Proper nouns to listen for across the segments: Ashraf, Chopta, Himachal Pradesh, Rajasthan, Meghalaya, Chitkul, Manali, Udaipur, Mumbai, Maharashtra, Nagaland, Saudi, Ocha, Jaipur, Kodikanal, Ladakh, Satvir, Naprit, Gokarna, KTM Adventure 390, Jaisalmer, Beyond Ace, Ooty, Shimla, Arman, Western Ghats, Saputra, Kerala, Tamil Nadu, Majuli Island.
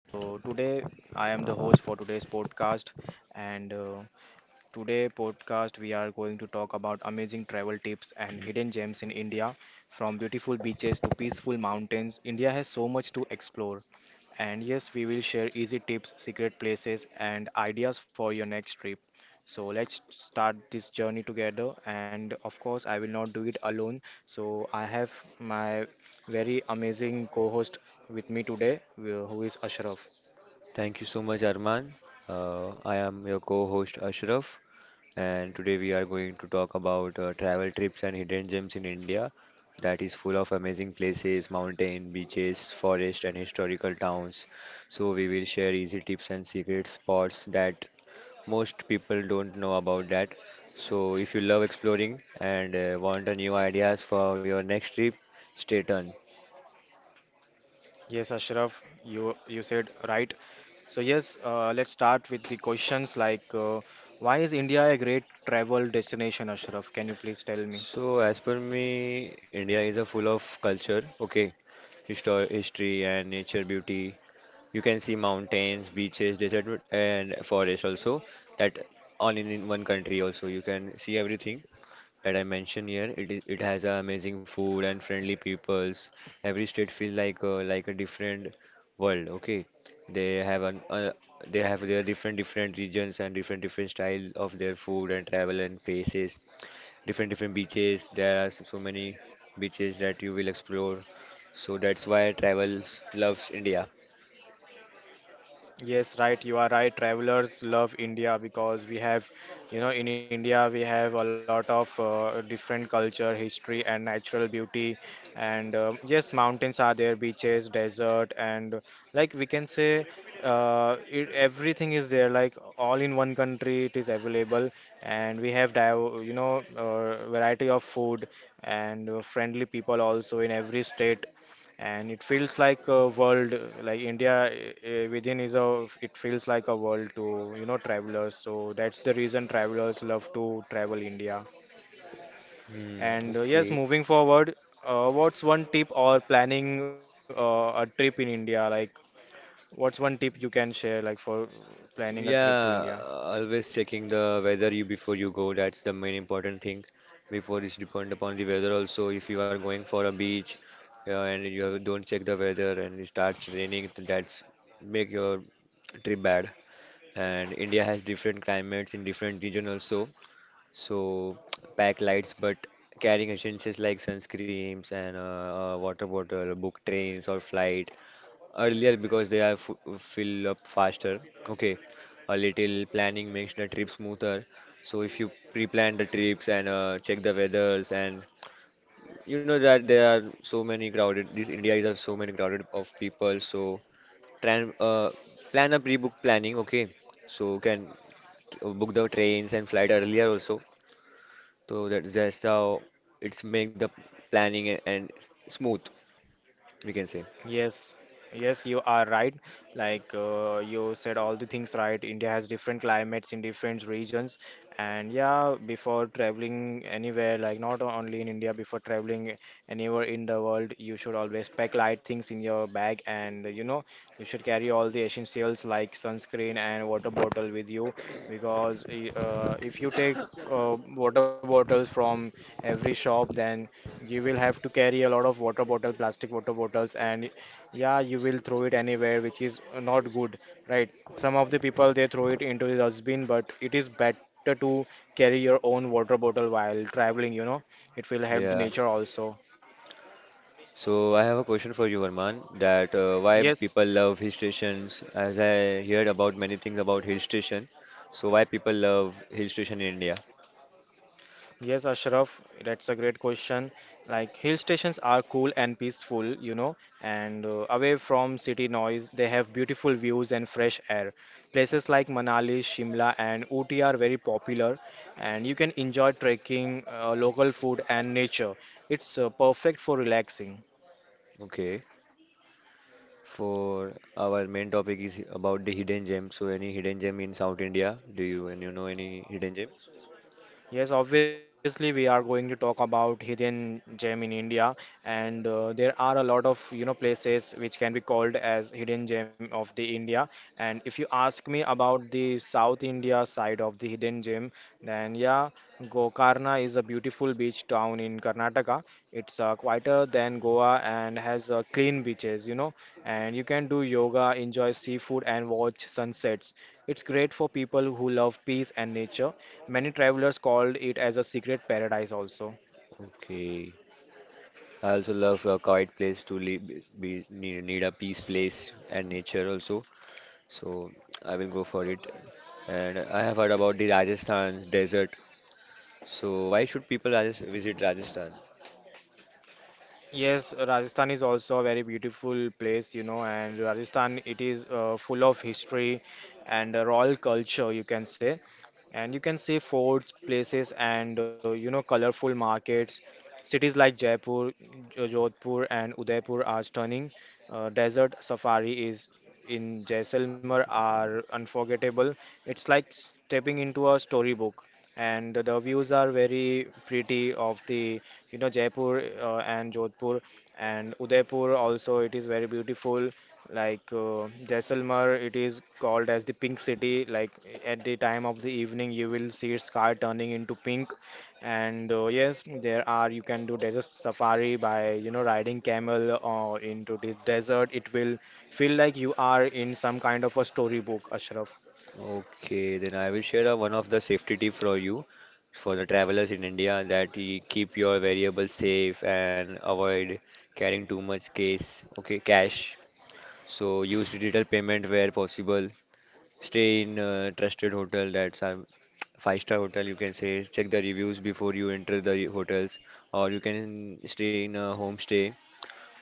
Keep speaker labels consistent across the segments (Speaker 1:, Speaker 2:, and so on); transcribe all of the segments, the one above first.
Speaker 1: So today I am the host for today's podcast, and today podcast we are going to talk about amazing travel tips and hidden gems in India, from beautiful beaches to peaceful mountains. India has so much to explore, and yes, we will share easy tips, secret places, and ideas for your next trip. So let's start this journey together. And of course, I will not do it alone. So I have my very amazing co-host with me today, who is Ashraf.
Speaker 2: Thank you so much, Arman. I am your co-host Ashraf, and today we are going to talk about travel trips and hidden gems in India that is full of amazing places, mountain, beaches, forest, and historical towns. So we will share easy tips and secret spots that most people don't know about that. So if you love exploring and want a new ideas for your next trip, stay tuned.
Speaker 1: Yes, Ashraf, you said right. So yes, let's start with the questions like, why is India a great travel destination, Ashraf? Can you please tell me?
Speaker 2: So as per me, India is a full of culture. Okay, history and nature beauty. You can see mountains, beaches, desert, and forest also. That all in one country also. You can see everything that I mentioned here. It has a amazing food and friendly peoples. Every state feels like a different world. Okay, they have an uh, they have their different different regions and different different style of their food and travel and places different different beaches. There are so many beaches that you will explore. So that's why travels loves India.
Speaker 1: Yes, right. You are right. Travelers love India because we have, you know, in India we have a lot of different culture, history, and natural beauty. And yes, mountains are there, beaches, desert, and like we can say, everything is there. Like all in one country, it is available, and we have, variety of food and friendly people also in every state, and it feels like a world, like India, within is a it feels like a world to travelers. So that's the reason travelers love to travel India.
Speaker 2: Hmm,
Speaker 1: And yes,
Speaker 2: okay.
Speaker 1: moving forward, what's one tip or planning a trip in India, like what's one tip you can share like for planning a trip to India?
Speaker 2: Yeah, always checking the weather you before you go. That's the main important thing. Before it's depend upon the weather also. If you are going for a beach, yeah, and you don't check the weather and it starts raining, that's make your trip bad. And India has different climates in different region also. So pack lights, but carrying essentials like sunscreens and water bottle, book trains or flight earlier because they are f fill up faster. Okay, a little planning makes the trip smoother. So if you pre-plan the trips and check the weathers and you know that there are so many crowded. This India is of so many crowded of people. So tran plan a pre-book planning. Okay, so can book the trains and flight earlier also, so that that's how it's make the planning a- and s- smooth, we can say.
Speaker 1: Yes, yes, you are right. Like you said, all the things right. India has different climates in different regions, and yeah, before traveling anywhere, like not only in India, before traveling anywhere in the world, you should always pack light things in your bag, and you should carry all the essentials like sunscreen and water bottle with you, because if you take water bottles from every shop, then you will have to carry a lot of water bottle, plastic water bottles, and yeah, you will throw it anywhere, which is not good, right? Some of the people they throw it into the dustbin, but it is better to carry your own water bottle while traveling. It will help the
Speaker 2: Yeah.
Speaker 1: nature also.
Speaker 2: So I have a question for you, Arman, that why
Speaker 1: Yes.
Speaker 2: people love hill stations? As I heard about many things about hill station, so why people love hill station in India?
Speaker 1: Yes, Ashraf, that's a great question. Like hill stations are cool and peaceful, you know, and away from city noise, they have beautiful views and fresh air. Places like Manali, Shimla, and Ooty are very popular, and you can enjoy trekking, local food, and nature. It's perfect for relaxing.
Speaker 2: Okay. For our main topic is about the hidden gem. So any hidden gem in South India? Do you and you know any hidden gem?
Speaker 1: Yes, obviously, we are going to talk about hidden gem in India, and there are a lot of places which can be called as hidden gem of the India. And if you ask me about the South India side of the hidden gem, then yeah, Gokarna is a beautiful beach town in Karnataka. It's quieter than Goa and has clean beaches. And you can do yoga, enjoy seafood, and watch sunsets. It's great for people who love peace and nature. Many travelers called it as a secret paradise also.
Speaker 2: Okay. I also love a quiet place to live, need a peace place and nature also. So I will go for it. And I have heard about the Rajasthan desert. So why should people visit Rajasthan?
Speaker 1: Yes, Rajasthan is also a very beautiful place, and Rajasthan, it is full of history and royal culture, you can say. And you can see forts, places, and colorful markets. Cities like Jaipur, Jodhpur, and Udaipur are stunning. Desert safari is in Jaisalmer are unforgettable. It's like stepping into a storybook, and the views are very pretty of the Jaipur and Jodhpur and Udaipur also. It is very beautiful. Like Jaisalmer, it is called as the pink city. Like at the time of the evening, you will see its sky turning into pink, and yes, there are you can do desert safari by riding camel into the desert. It will feel like you are in some kind of a storybook, Ashraf.
Speaker 2: Okay, then I will share a, one of the safety tip for you for the travelers in India, that you keep your variables safe and avoid carrying too much cash. So use digital payment where possible. Stay in a trusted hotel, that's a five-star hotel, you can say. Check the reviews before you enter the hotels, or you can stay in a homestay.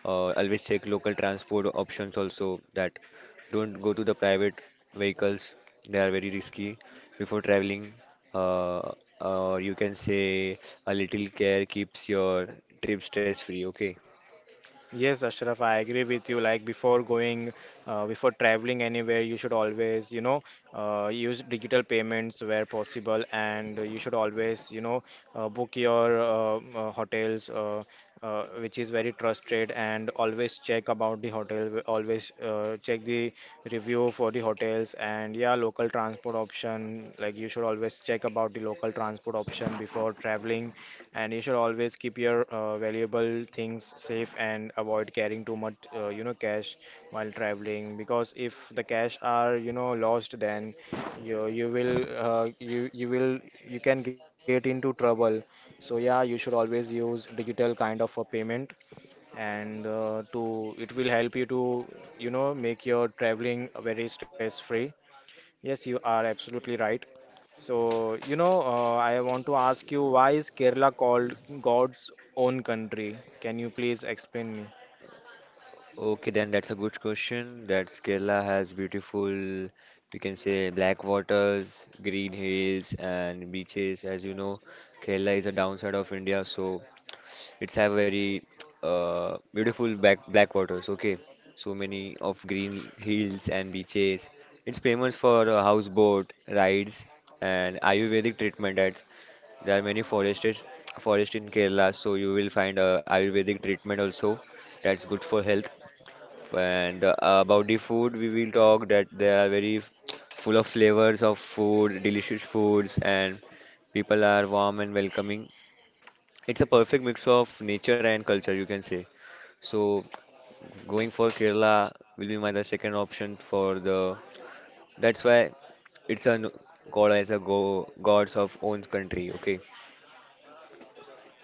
Speaker 2: Always check local transport options also. That don't go to the private vehicles; they are very risky before traveling. Uh, or you can say a little care keeps your trip stress-free. Okay.
Speaker 1: Yes, Ashraf, I agree with you. Like before going, before traveling anywhere, you should always, use digital payments where possible, and you should always, book your hotels, which is very trusted, and always check about the hotel. Always check the review for the hotels, and yeah, local transport option. Like you should always check about the local transport option before traveling, and you should always keep your valuable things safe and avoid carrying too much cash while traveling, because if the cash are lost, then you you will uh, you you will you can get into trouble. So yeah, you should always use digital kind of a payment, and to it will help you to make your traveling very stress free. Yes, you are absolutely right. So, I want to ask you, why is Kerala called God's own country? Can you please explain me?
Speaker 2: Okay, then that's a good question. That Kerala has beautiful, we can say, black waters, green hills, and beaches. As you know, Kerala is a downside of India, so it's have very beautiful back black waters. Okay, so many of green hills and beaches. It's famous for houseboat rides and Ayurvedic treatment. That's there are many forest in Kerala, so you will find Ayurvedic treatment also. That's good for health, and about the food, we will talk that they are very full of flavors of food, delicious foods, and people are warm and welcoming. It's a perfect mix of nature and culture, you can say. So going for Kerala will be my the second option for the. That's why it's a god as a go gods of own country. Okay,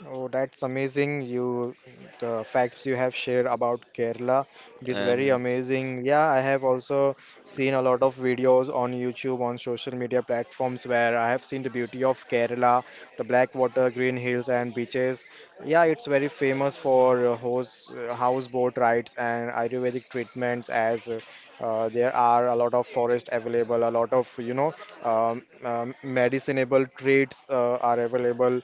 Speaker 1: Oh, that's amazing. You, the facts you have shared about Kerala, it is very
Speaker 2: and
Speaker 1: amazing. Yeah, I have also seen a lot of videos on YouTube, on social media platforms where I have seen the beauty of Kerala, the black water, green hills, and beaches. Yeah, it's very famous for houseboat rides and Ayurvedic treatments, as there are a lot of forest available, a lot of, medicinable treats are available.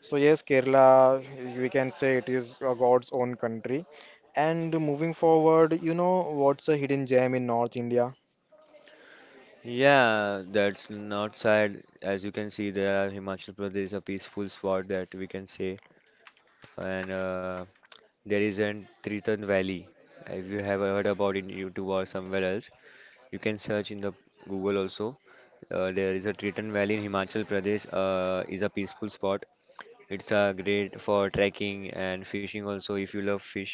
Speaker 1: So yes, Kerala, we can say it is God's own country. And moving forward, you know what's a hidden gem in North India?
Speaker 2: yeah, that's north side. As you can see, there are Himachal Pradesh, a peaceful spot that we can say, and there is an Triton Valley. If you have heard about in YouTube or somewhere else, you can search in the Google also. There is a Triton Valley in Himachal Pradesh. Is a peaceful spot. It's great for trekking and fishing also. If you love fish,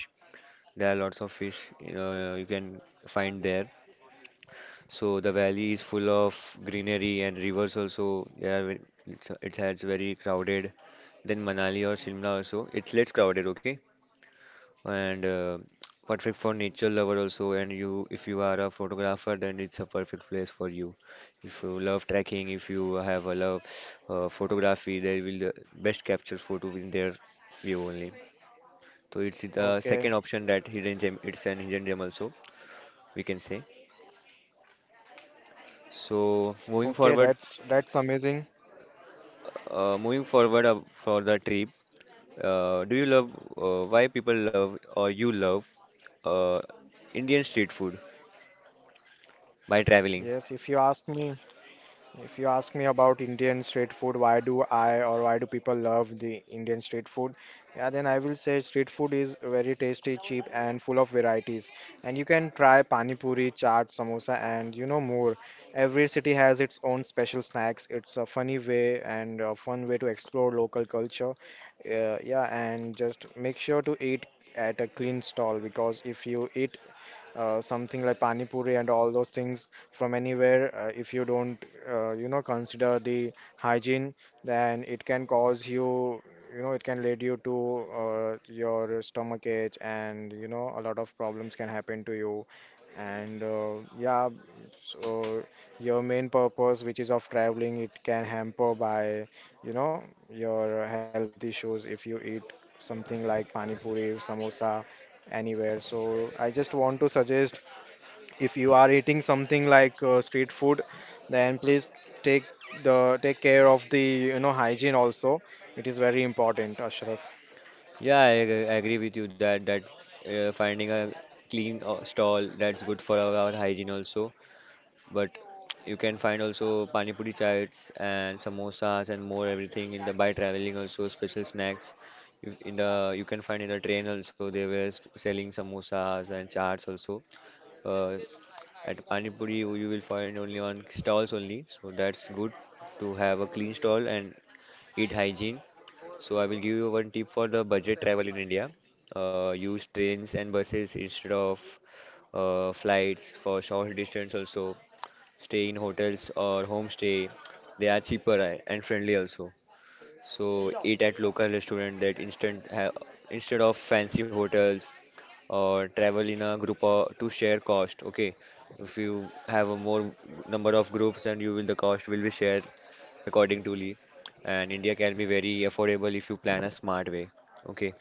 Speaker 2: there are lots of fish you can find there. So the valley is full of greenery and rivers also. There are, it has very crowded. Then Manali or Shimla also. It's less crowded, okay? And perfect for nature lover also, and you if you are a photographer, then it's a perfect place for you. If you love trekking, if you have a love photography, they will the best capture photo in their view only. So it's the second
Speaker 1: Okay,
Speaker 2: option. That hidden gem, it's an hidden gem also, we can say. So moving
Speaker 1: okay,
Speaker 2: forward,
Speaker 1: that's amazing.
Speaker 2: for the trip, do you love why people love or you love uh, Indian street food by traveling?
Speaker 1: Yes, if you ask me about Indian street food, why do I or why do people love the Indian street food? Yeah, then I will say street food is very tasty, cheap, and full of varieties. And you can try pani puri, chaat, samosa, and more. Every city has its own special snacks. It's a funny way and a fun way to explore local culture. Yeah, and just make sure to eat at a clean stall, because if you eat something like pani puri and all those things from anywhere. If you don't, consider the hygiene, then it can cause you, it can lead you to your stomach ache, and a lot of problems can happen to you. And yeah, so your main purpose, which is of traveling, it can hamper by, you know, your health issues, if you eat something like pani puri, samosa anywhere. So I just want to suggest, if you are eating something like street food, then please take take care of the hygiene also. It is very important, Ashraf.
Speaker 2: Yeah, I agree with you that finding a clean stall, that's good for our hygiene also. But you can find also pani puri chaats and samosas and more everything in the by traveling also special snacks. You, in the you can find in the train also, they were selling samosas and chaats also. Uh, at pani puri you will find only on stalls only. So that's good to have a clean stall and eat hygiene, so I will give you one tip for the budget travel in India. Use trains and buses instead of flights for short distance also. Stay in hotels or homestay. They are cheaper and friendly also. So eat at local restaurant, that instant ha instead of fancy hotels, or travel in a group or to share cost. Okay, if you have a more number of groups, then you will the cost will be shared according to Lee. And India can be very affordable if you plan a smart way. Okay.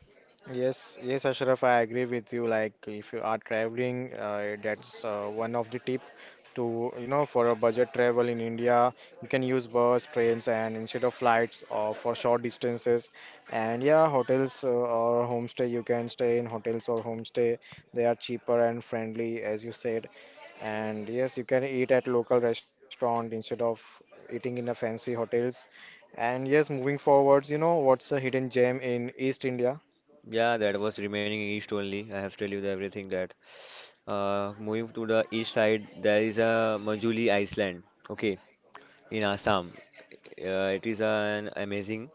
Speaker 1: Yes, yes, Ashraf, I agree with you. Like if you are traveling, that's one of the tip to, you know, for a budget travel in India. You can use bus, trains, and instead of flights or for short distances, and yeah, hotels or homestay you can stay in hotels or homestay. They are cheaper and friendly, as you said. And yes, you can eat at local restaurant instead of eating in a fancy hotels. And yes, moving forwards, you know what's a hidden gem in East India?
Speaker 2: Yeah, that was remaining east only. I have told you the everything that. Moving to the east side, there is a Majuli Island. Okay, in Assam. It is an amazing.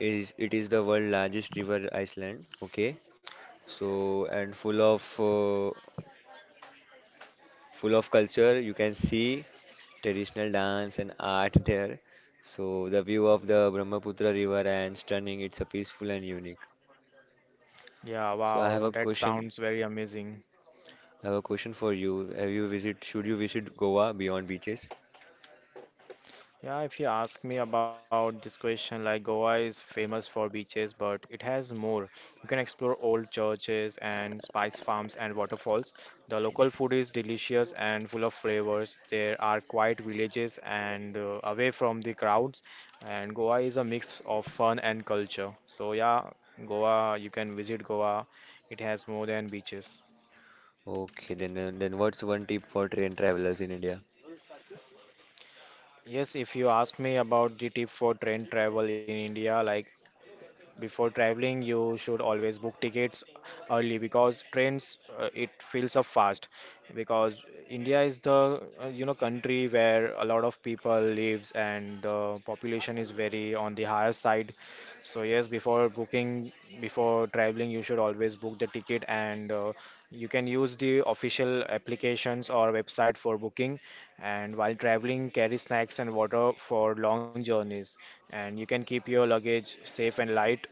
Speaker 2: Is it is the world largest river island. Okay, so and full of culture. You can see traditional dance and art there. So the view of the Brahmaputra river and stunning. It's a peaceful and unique.
Speaker 1: Yeah,
Speaker 2: So I have
Speaker 1: wow,
Speaker 2: a
Speaker 1: that
Speaker 2: question.
Speaker 1: sounds very amazing.
Speaker 2: I have a question for you. Have you visit? Should you visit Goa beyond beaches?
Speaker 1: Yeah, if you ask me about this question, like Goa is famous for beaches, but it has more. You can explore old churches and spice farms and waterfalls. The local food is delicious and full of flavors. There are quiet villages and away from the crowds. And Goa is a mix of fun and culture. So yeah, Goa, you can visit Goa. It has more than beaches.
Speaker 2: Okay, then what's one tip for train travelers in India?
Speaker 1: Yes, if you ask me about the tip for train travel in India, like before traveling, you should always book tickets early, because trains, it fills up fast. Because India is the country where a lot of people lives and the population is very on the higher side. So yes, before traveling, you should always book the ticket, and you can use the official applications or website for booking, and while traveling, carry snacks and water for long journeys. And you can keep your luggage safe and light.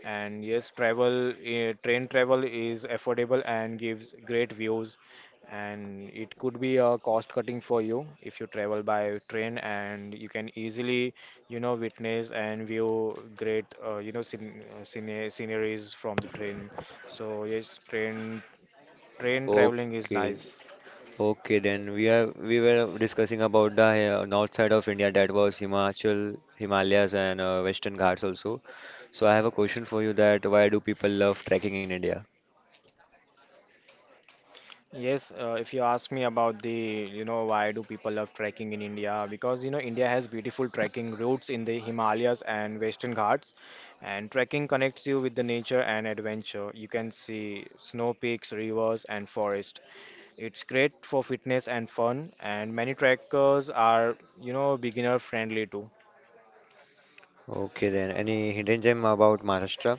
Speaker 1: And yes, train travel is affordable and gives great views. And it could be a cost cutting for you, if you travel by train, and you can easily, witness and view great sceneries from the train. So yes, train traveling is
Speaker 2: Okay,
Speaker 1: nice.
Speaker 2: okay, then we were discussing about the north side of India, that was Himachal, Himalayas, and Western Ghats also. So I have a question for you, that why do people love trekking in India?
Speaker 1: Yes, if you ask me about why do people love trekking in India? Because, India has beautiful trekking routes in the Himalayas and Western Ghats, and trekking connects you with the nature and adventure. You can see snow peaks, rivers, and forest. It's great for fitness and fun, and many trekkers are, beginner friendly too.
Speaker 2: Okay, then any hidden gem about Maharashtra?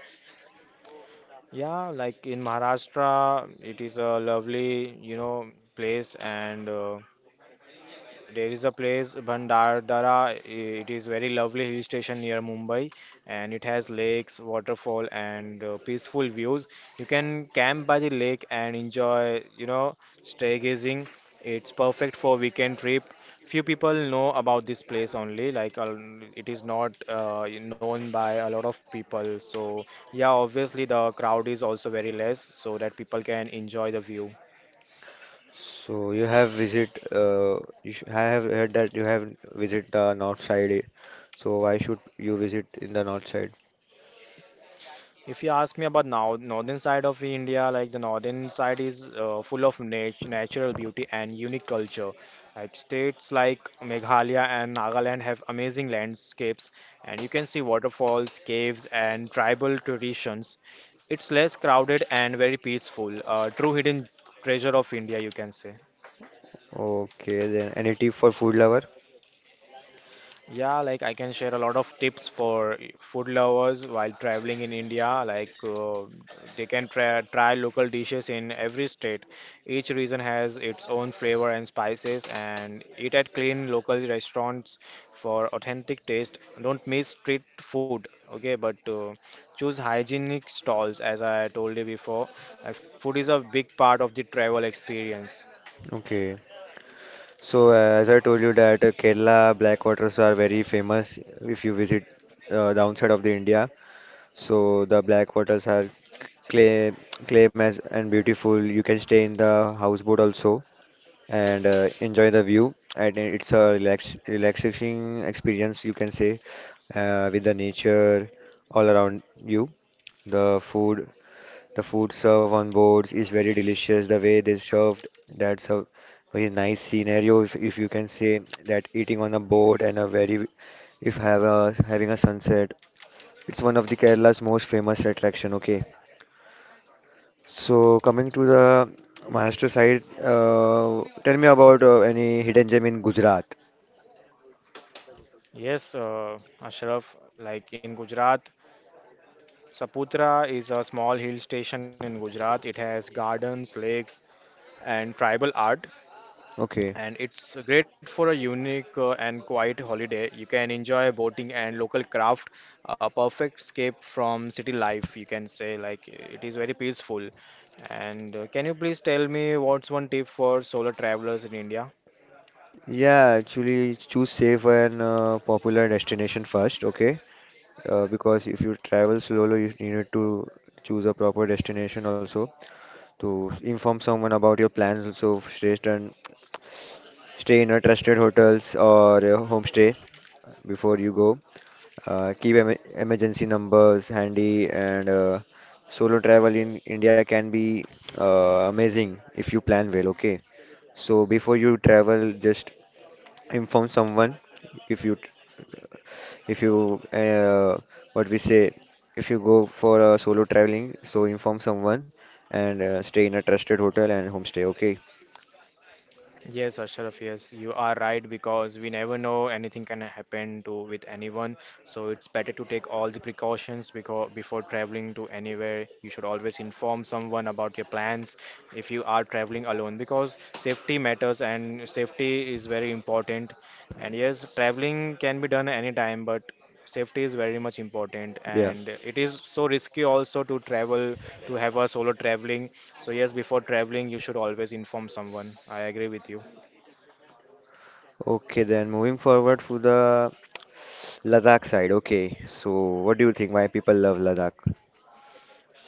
Speaker 1: Yeah, like in Maharashtra, it is a lovely place and there is a place, Bhandarara. It is very lovely hill station near Mumbai, and it has lakes, waterfall, and peaceful views. You can camp by the lake and enjoy stargazing. It's perfect for weekend trip. Few people know about this place only, like it is not known by a lot of people. So yeah, obviously the crowd is also very less, so that people can enjoy the view.
Speaker 2: So you have visit. You sh I have heard that you have visit the north side. So why should you visit in the north side?
Speaker 1: If you ask me about now, northern side of India, like the northern side is full of natural beauty and unique culture. Like states like Meghalaya and Nagaland have amazing landscapes, and you can see waterfalls, caves, and tribal traditions. It's less crowded and very peaceful. True hidden treasure of India, you can say.
Speaker 2: Okay, then any tip for food lover?
Speaker 1: Yeah, like I can share a lot of tips for food lovers while traveling in India. Like they can try local dishes in every state. Each region has its own flavor and spices, and eat at clean local restaurants for authentic taste. Don't miss street food, okay? But choose hygienic stalls, as I told you before. Like food is a big part of the travel experience.
Speaker 2: Okay. So as I told you that Kerala black waters are very famous if you visit downside of the India. So the black waters are claim claim as and beautiful. You can stay in the houseboat also and enjoy the view. And it's a relaxing experience, you can say, with the nature all around you. The food the food served on boards is very delicious. The way they served, that's a very nice scenario. If you can say, that eating on a boat and a very, if have having a sunset, it's one of the Kerala's most famous attraction. Okay. So coming to the Maharashtra side, tell me about any hidden gem in Gujarat.
Speaker 1: Yes, Ashraf, like in Gujarat, Saputra is a small hill station in Gujarat. It has gardens, lakes, and tribal art,
Speaker 2: Okay.
Speaker 1: and it's great for a unique and quiet holiday. You can enjoy boating and local craft, a perfect escape from city life, you can say. Like, it is very peaceful. And can you please tell me what's one tip for solo travelers in India?
Speaker 2: Yeah, actually choose safe and popular destination first, okay? Because if you travel slowly, you need to choose a proper destination also, inform someone about your plans. So stay in a trusted hotels or a homestay before you go. Keep emergency numbers handy, and solo travel in India can be amazing if you plan well, okay? So before you travel, just inform someone, if you if you uh, what we say, if you go for a solo traveling, so inform someone and stay in a trusted hotel and homestay, okay.
Speaker 1: Yes, Ashraf, yes, you are right because we never know anything can happen to with anyone. So it's better to take all the precautions because before traveling to anywhere, you should always inform someone about your plans if you are traveling alone because safety matters and safety is very important. And yes, traveling can be done anytime, but safety is very much important
Speaker 2: Yeah.
Speaker 1: and it is so risky also to travel to have a solo traveling. So yes, before traveling, you should always inform someone. I agree with you.
Speaker 2: Okay, then moving forward to the Ladakh side. Okay, so what do you think? Why people love Ladakh?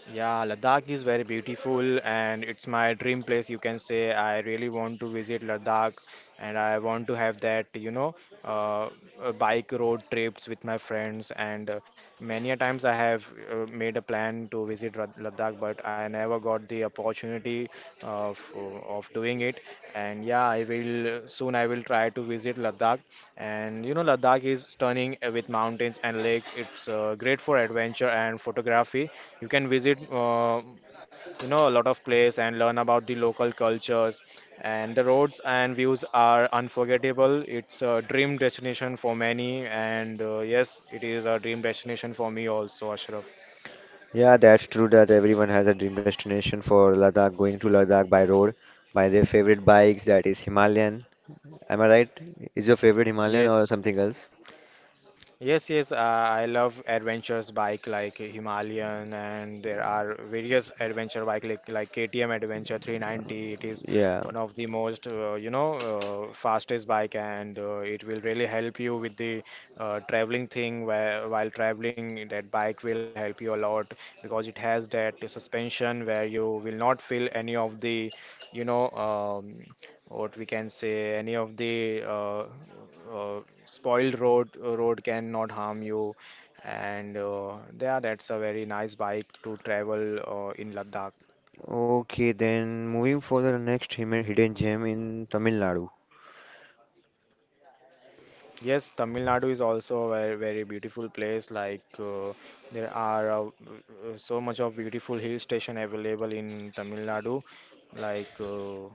Speaker 1: Yeah, Ladakh is very beautiful and it's my dream place, you can say. I really want to visit Ladakh and I want to have that, uh, bike road trips with my friends. And many a times I have made a plan to visit Ladakh, but I never got the opportunity of doing it. And yeah, I will soon. I will try to visit Ladakh. And you know, Ladakh is stunning with mountains and lakes. It's great for adventure and photography. You can visit. A lot of place and learn about the local cultures, and the roads and views are unforgettable. It's a dream destination for many, and yes, it is a dream destination for me also, Ashraf.
Speaker 2: Yeah, that's true that everyone has a dream destination for Ladakh, going to Ladakh by road, by their favorite bikes, that is Himalayan. Am I right? Is your favorite Himalayan or
Speaker 1: Yes,
Speaker 2: something else?
Speaker 1: yes, yes, I love adventures bike like Himalayan, and there are various adventure bike like KTM Adventure 390. It is
Speaker 2: Yeah.
Speaker 1: one of the most fastest bike, and it will really help you with the traveling thing where while traveling that bike will help you a lot because it has that suspension where you will not feel any of the you know what we can say any of the uh, spoiled road can not harm you, and yeah, that's a very nice bike to travel in Ladakh.
Speaker 2: Okay, then moving for the next hidden gem in Tamil Nadu.
Speaker 1: Yes, Tamil Nadu is also a very, very beautiful place like there are so much of beautiful hill station available in Tamil Nadu, like uh,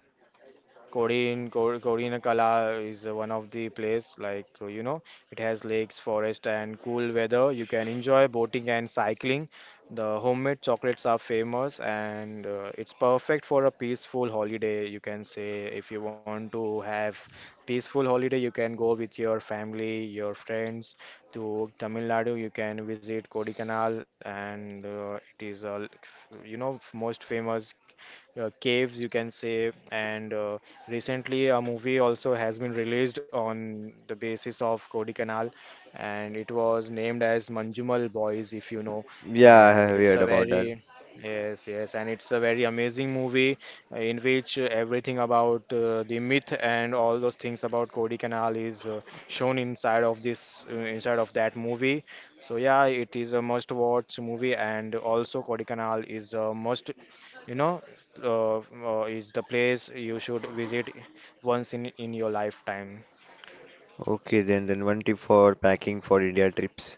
Speaker 1: Korin, Kor- Korinakala is one of the place, like you know, it has lakes, forest, and cool weather. You can enjoy boating and cycling. The homemade chocolates are famous, and it's perfect for a peaceful holiday. You can say if you want to have peaceful holiday, you can go with your family, your friends to Tamil Nadu. You can visit Kodikanal, and it is a most famous caves, you can say. And recently, a movie also has been released on the basis of Canal, and it was named as Manjumal Boys, if you know.
Speaker 2: Yeah, I
Speaker 1: And
Speaker 2: have
Speaker 1: it's
Speaker 2: heard
Speaker 1: a
Speaker 2: about that.
Speaker 1: very Yes, yes, and it's a very amazing movie in which everything about the myth and all those things about Canal is shown inside of that movie. So yeah, it is a must-watch movie, and also Canal is a must, you know, is the place you should visit once in your lifetime.
Speaker 2: Okay, then one tip for packing for India trips.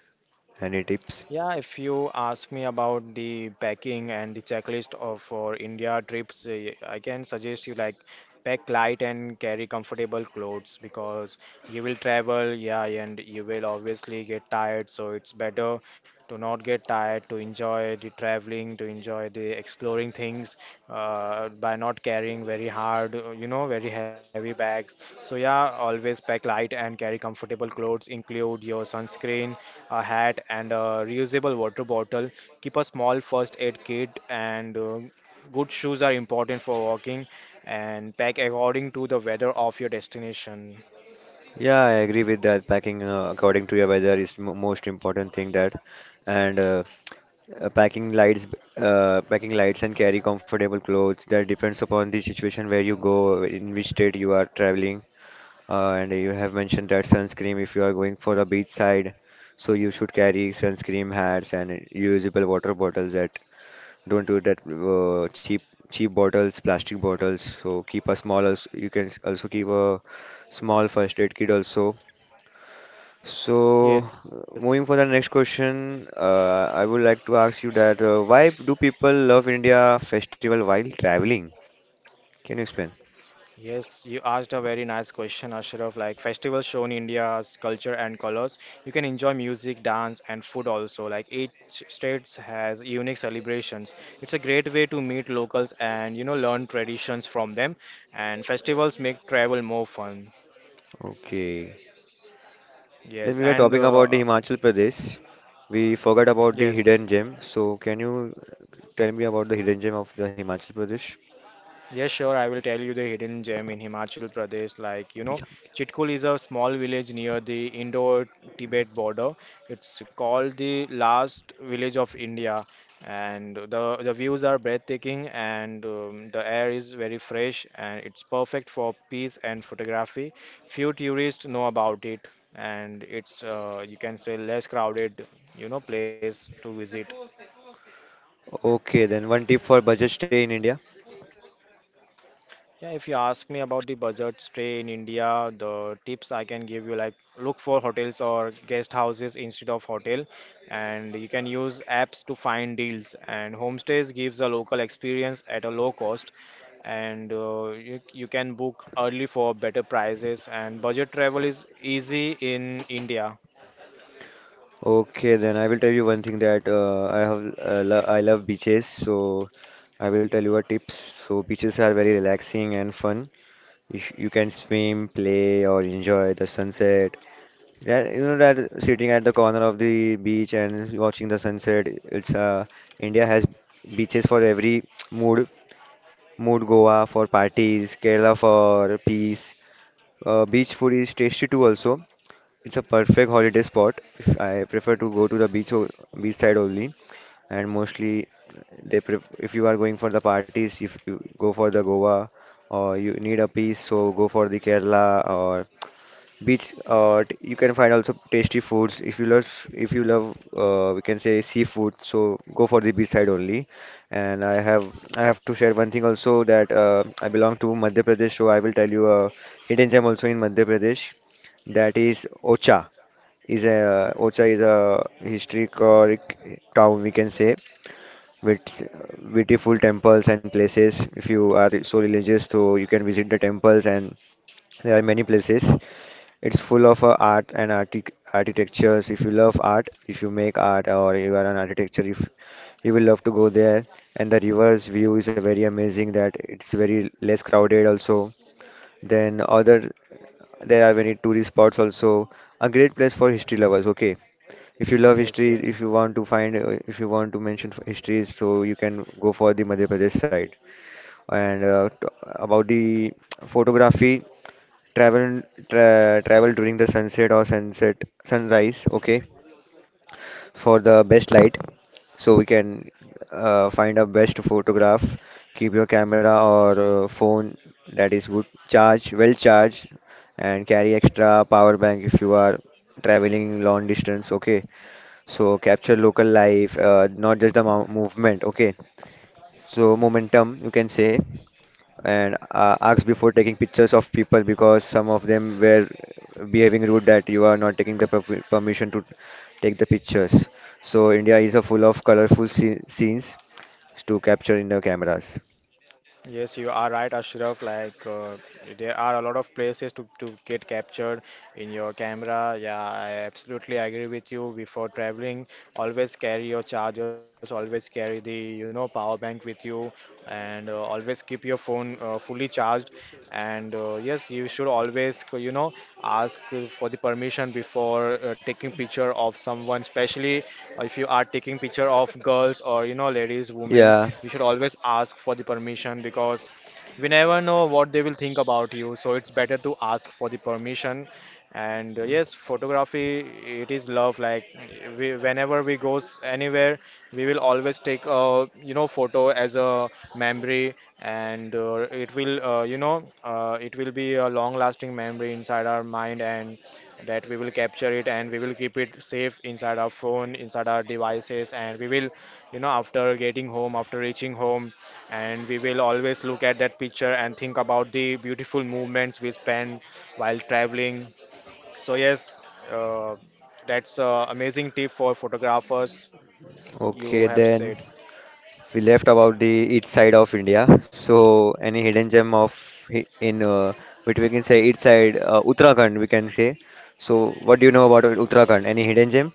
Speaker 2: Any tips?
Speaker 1: Yeah, if you ask me about the packing and the checklist of for India trips, eh, I can suggest you like pack light and carry comfortable clothes because you will travel, yeah, and you will obviously get tired. So it's better to not get tired, to enjoy the traveling, to enjoy the exploring things by not carrying very hard, very heavy bags. So yeah, always pack light and carry comfortable clothes, include your sunscreen, a hat, and a reusable water bottle. Keep a small first aid kit, and good shoes are important for walking. And pack according to the weather of your destination.
Speaker 2: Yeah, I agree with that. Packing according to your weather is mo most important thing that, and packing lights, packing lights and carry comfortable clothes. That depends upon the situation where you go, in which state you are traveling. And you have mentioned that sunscreen if you are going for a beach side, so you should carry sunscreen hats and usable water bottles that don't do that cheap bottles, plastic bottles. So keep a small. You can also keep a small first aid kit also so,
Speaker 1: Yes,
Speaker 2: moving for the next question, I would like to ask you that why do people love India festival while traveling? Can you explain?
Speaker 1: yes, you asked a very nice question, Ashraf. Like festivals show in India's culture and colors. You can enjoy music, dance, and food also. Like each state has unique celebrations. It's a great way to meet locals and learn traditions from them. And festivals make travel more fun.
Speaker 2: Okay. Then
Speaker 1: Yes,
Speaker 2: we were
Speaker 1: and
Speaker 2: talking about the Himachal Pradesh. We forgot about the
Speaker 1: yes,
Speaker 2: hidden gem. So, can you tell me about the hidden gem of the Himachal Pradesh?
Speaker 1: yes, sure. I will tell you the hidden gem in Himachal Pradesh. Like, you know,
Speaker 2: Yeah.
Speaker 1: Chitkul is a small village near the Indo-Tibet border. It's called the last village of India, and the views are breathtaking, and the air is very fresh, and it's perfect for peace and photography. Few tourists know about it, and it's you can say less crowded, you know, place to visit.
Speaker 2: Okay, then one tip for budget stay in India.
Speaker 1: Yeah, if you ask me about the budget stay in India, the tips I can give you like look for hotels or guest houses instead of hotel, and you can use apps to find deals. And homestays gives a local experience at a low cost, and you can book early for better prices. And budget travel is easy in India.
Speaker 2: Okay, then I will tell you one thing that I have lo I love beaches, so I will tell you a tips. So beaches are very relaxing and fun. You can swim, play, or enjoy the sunset. Yeah, you know that sitting at the corner of the beach and watching the sunset. It's India has beaches for every mood. Mood Goa for parties, Kerala for peace. Beach food is tasty too also. It's a perfect holiday spot. If I prefer to go to the beach side only and mostly they pref if you are going for the parties, if you go for the Goa or you need a peace, so go for the Kerala or beach. Or you can find also tasty foods. If you love, we can say seafood, so go for the beach side only. And I have to share one thing also that I belong to Madhya Pradesh, so I will tell you a hidden gem also in Madhya Pradesh. That is Ocha. Is a Ocha is a historic town we can say, with beautiful temples and places. If you are so religious, so you can visit the temples and there are many places. It's full of art and artic architectures. If you love art, if you make art or you are an architecture, if you will love to go there. And the river's view is a very amazing that it's very less crowded also. Then other there are many tourist spots also. A great place for history lovers. Okay. If you love
Speaker 1: Yes,
Speaker 2: history, if
Speaker 1: yes.
Speaker 2: you want to find, if you want to mention history, so you can go for the Madhya Pradesh side. And t about the photography, travel tra travel during the sunset or sunset sunrise, okay, for the best light. So we can find a best photograph. Keep your camera or phone that is good, charge, well charged, and carry extra power bank if you are traveling long distance, okay. So capture local life, not just the mo movement. Okay, so momentum you can say, and ask before taking pictures of people because some of them were behaving rude that you are not taking the permission to take the pictures. So India is a full of scenes to capture in the cameras.
Speaker 1: Yes, you are right, Ashraf. Like there are a lot of places to get captured in your camera. Yeah, I absolutely agree with you. Before traveling, always carry your chargers, always carry the power bank with you, and always keep your phone fully charged. And yes, you should always ask for the permission before taking picture of someone, especially if you are taking picture of girls or ladies, women.
Speaker 2: Yeah.
Speaker 1: You should always ask for the permission because we never know what they will think about you, so it's better to ask for the permission. And yes, photography, it is love. Like we, whenever we goes anywhere, we will always take a photo as a memory, and it will it will be a long lasting memory inside our mind, and that we will capture it and we will keep it safe inside our phone, inside our devices, and we will after getting home, after reaching home, and we will always look at that picture and think about the beautiful moments we spend while traveling. So yes, uh, that's a amazing tip for photographers you have
Speaker 2: Okay
Speaker 1: said.
Speaker 2: then. We left about the east side of India. So any hidden gem of hi- in which we can say east side Uttarakhand we can say. So what do you know about Uttarakhand? Any hidden gem?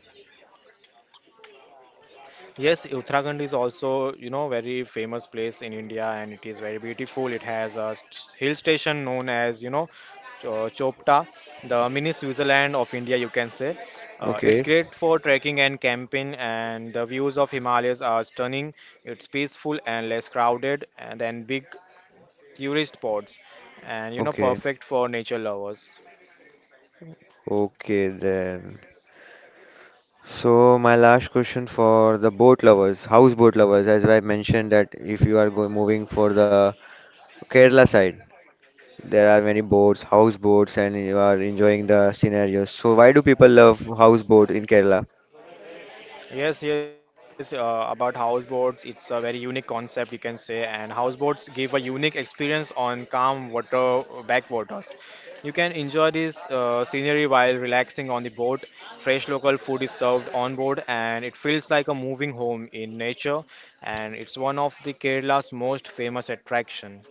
Speaker 1: Yes, Uttarakhand is also, you know, very famous place in India and it is very beautiful. It has a hill station known as, you know, Chopta, the mini Switzerland of India, you can say. It's
Speaker 2: Okay,
Speaker 1: great for trekking and camping, and the views of Himalayas are stunning. It's peaceful and less crowded, and then big tourist spots, and you know,
Speaker 2: okay,
Speaker 1: perfect for nature lovers.
Speaker 2: okay then. So my last question for the boat lovers, houseboat lovers, as I mentioned that if you are going moving for the Kerala side, there are many boats, houseboats, and you are enjoying the scenario. So why do people love houseboat in Kerala?
Speaker 1: Yes, yes, about houseboats, it's a very unique concept, you can say, and houseboats give a unique experience on calm water backwaters. You can enjoy this scenery while relaxing on the boat. Fresh local food is served on board, and it feels like a moving home in nature, and it's one of the Kerala's most famous attraction.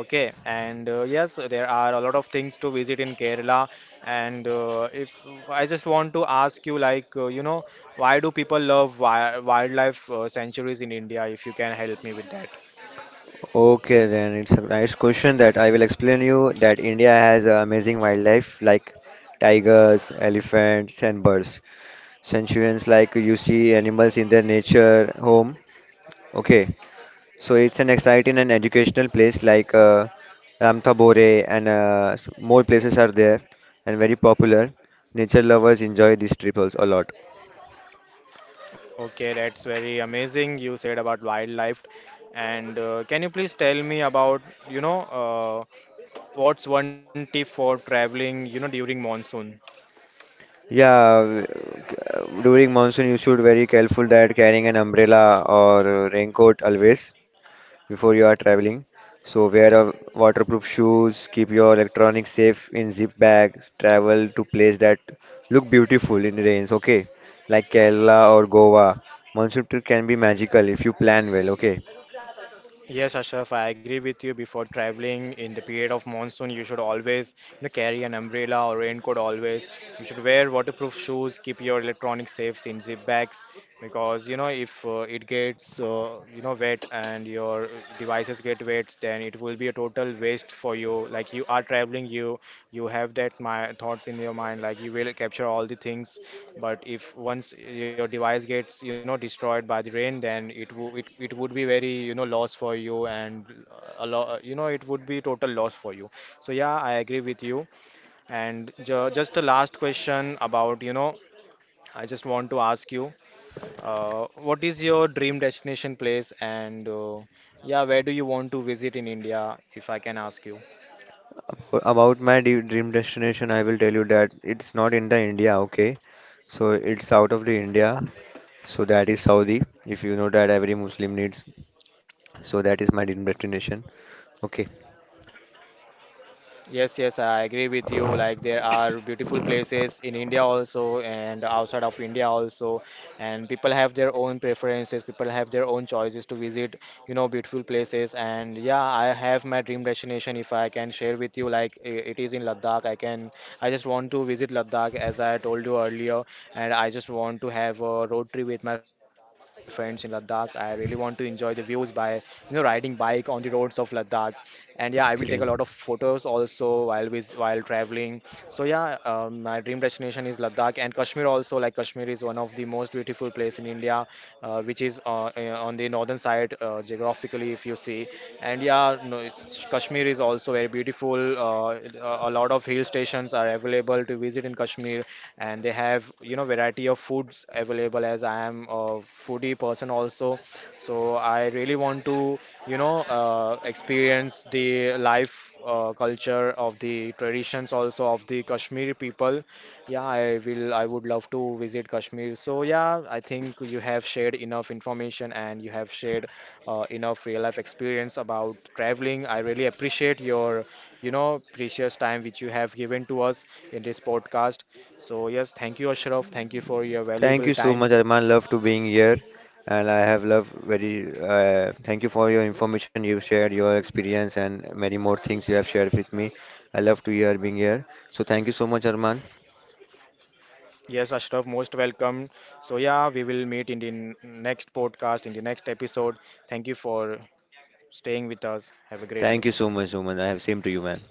Speaker 1: Okay, and yes, there are a lot of things to visit in Kerala. And if I just want to ask you, like, why do people love wi wildlife sanctuaries in India? If you can help me with that.
Speaker 2: Okay, then it's a nice question that I will explain you that India has a amazing wildlife like tigers, elephants, and birds. Sanctuaries like you see animals in their nature home. Okay, so it's an exciting and educational place like Ramthabore and more places are there and very popular. Nature lovers enjoy these trips also a lot.
Speaker 1: Okay, that's very amazing. You said about wildlife. And can you please tell me about, uh, what's one tip for traveling, during monsoon?
Speaker 2: Yeah, w- During monsoon you should very careful that carrying an umbrella or raincoat always before you are traveling. So wear a waterproof shoes, keep your electronics safe in zip bags, travel to places that look beautiful in rains, okay? Like Kerala or Goa. Monsoon trip can be magical if you plan well, okay?
Speaker 1: Yes, Ashraf, I agree with you. Before traveling in the period of monsoon, you should always, carry an umbrella or raincoat always. You should wear waterproof shoes, keep your electronics safe in zip bags because, if it gets, wet and your devices get wet, then it will be a total waste for you. Like you are traveling, you have that my thoughts in your mind, like you will capture all the things, but if once your device gets destroyed by the rain, then it would be very loss for you, and a lot, you know, it would be total loss for you. So yeah, I agree with you. And just a last question about, you know, I just want to ask you, what is your dream destination place, and yeah, where do you want to visit in India, if I can ask you?
Speaker 2: About my dream destination, I will tell you that it's not in the India, okay? So it's out of the India. So that is Saudi. If you know that every Muslim needs. So that is my dream destination. Okay.
Speaker 1: Yes, yes, I agree with you. Like there are beautiful places in India also and outside of India also, and people have their own preferences. People have their own choices to visit, you know, beautiful places. And yeah, I have my dream destination. If I can share with you, like it is in Ladakh. I can. I just want to visit Ladakh as I told you earlier, and I just want to have a road trip with my friends in Ladakh. I really want to enjoy the views by, you know, riding bike on the roads of Ladakh, and yeah, I will take a lot of
Speaker 2: Okay.
Speaker 1: photos also while vis while traveling. So yeah, my dream destination is Ladakh and Kashmir also. Like Kashmir is one of the most beautiful place in India, which is on the northern side geographically, if you see. And yeah, no, Kashmir is also very beautiful. A lot of hill stations are available to visit in Kashmir, and they have, you know, variety of foods available, as I am a foodie person also. So I really want to, you know, experience the life, culture of the traditions also of the Kashmiri people. Yeah, I will, I would love to visit Kashmir. So yeah, I think you have shared enough information, and you have shared enough real life experience about traveling. I really appreciate your, you know, precious time which you have given to us in this podcast. So yes, thank you, Ashraf. Thank you for your
Speaker 2: Thank
Speaker 1: valuable
Speaker 2: you so much,
Speaker 1: time.
Speaker 2: Arman. Love to being here, and I have loved very. Thank you for your information you've shared, your experience, and many more things you have shared with me. I love to hear being here. So thank you so much, Arman.
Speaker 1: Yes, Ashraf, most welcome. So, yeah, we will meet in the next podcast, in the next episode. Thank you for staying with us. Have a great
Speaker 2: Thank
Speaker 1: day.
Speaker 2: you so much, Suman. I have same to you, man.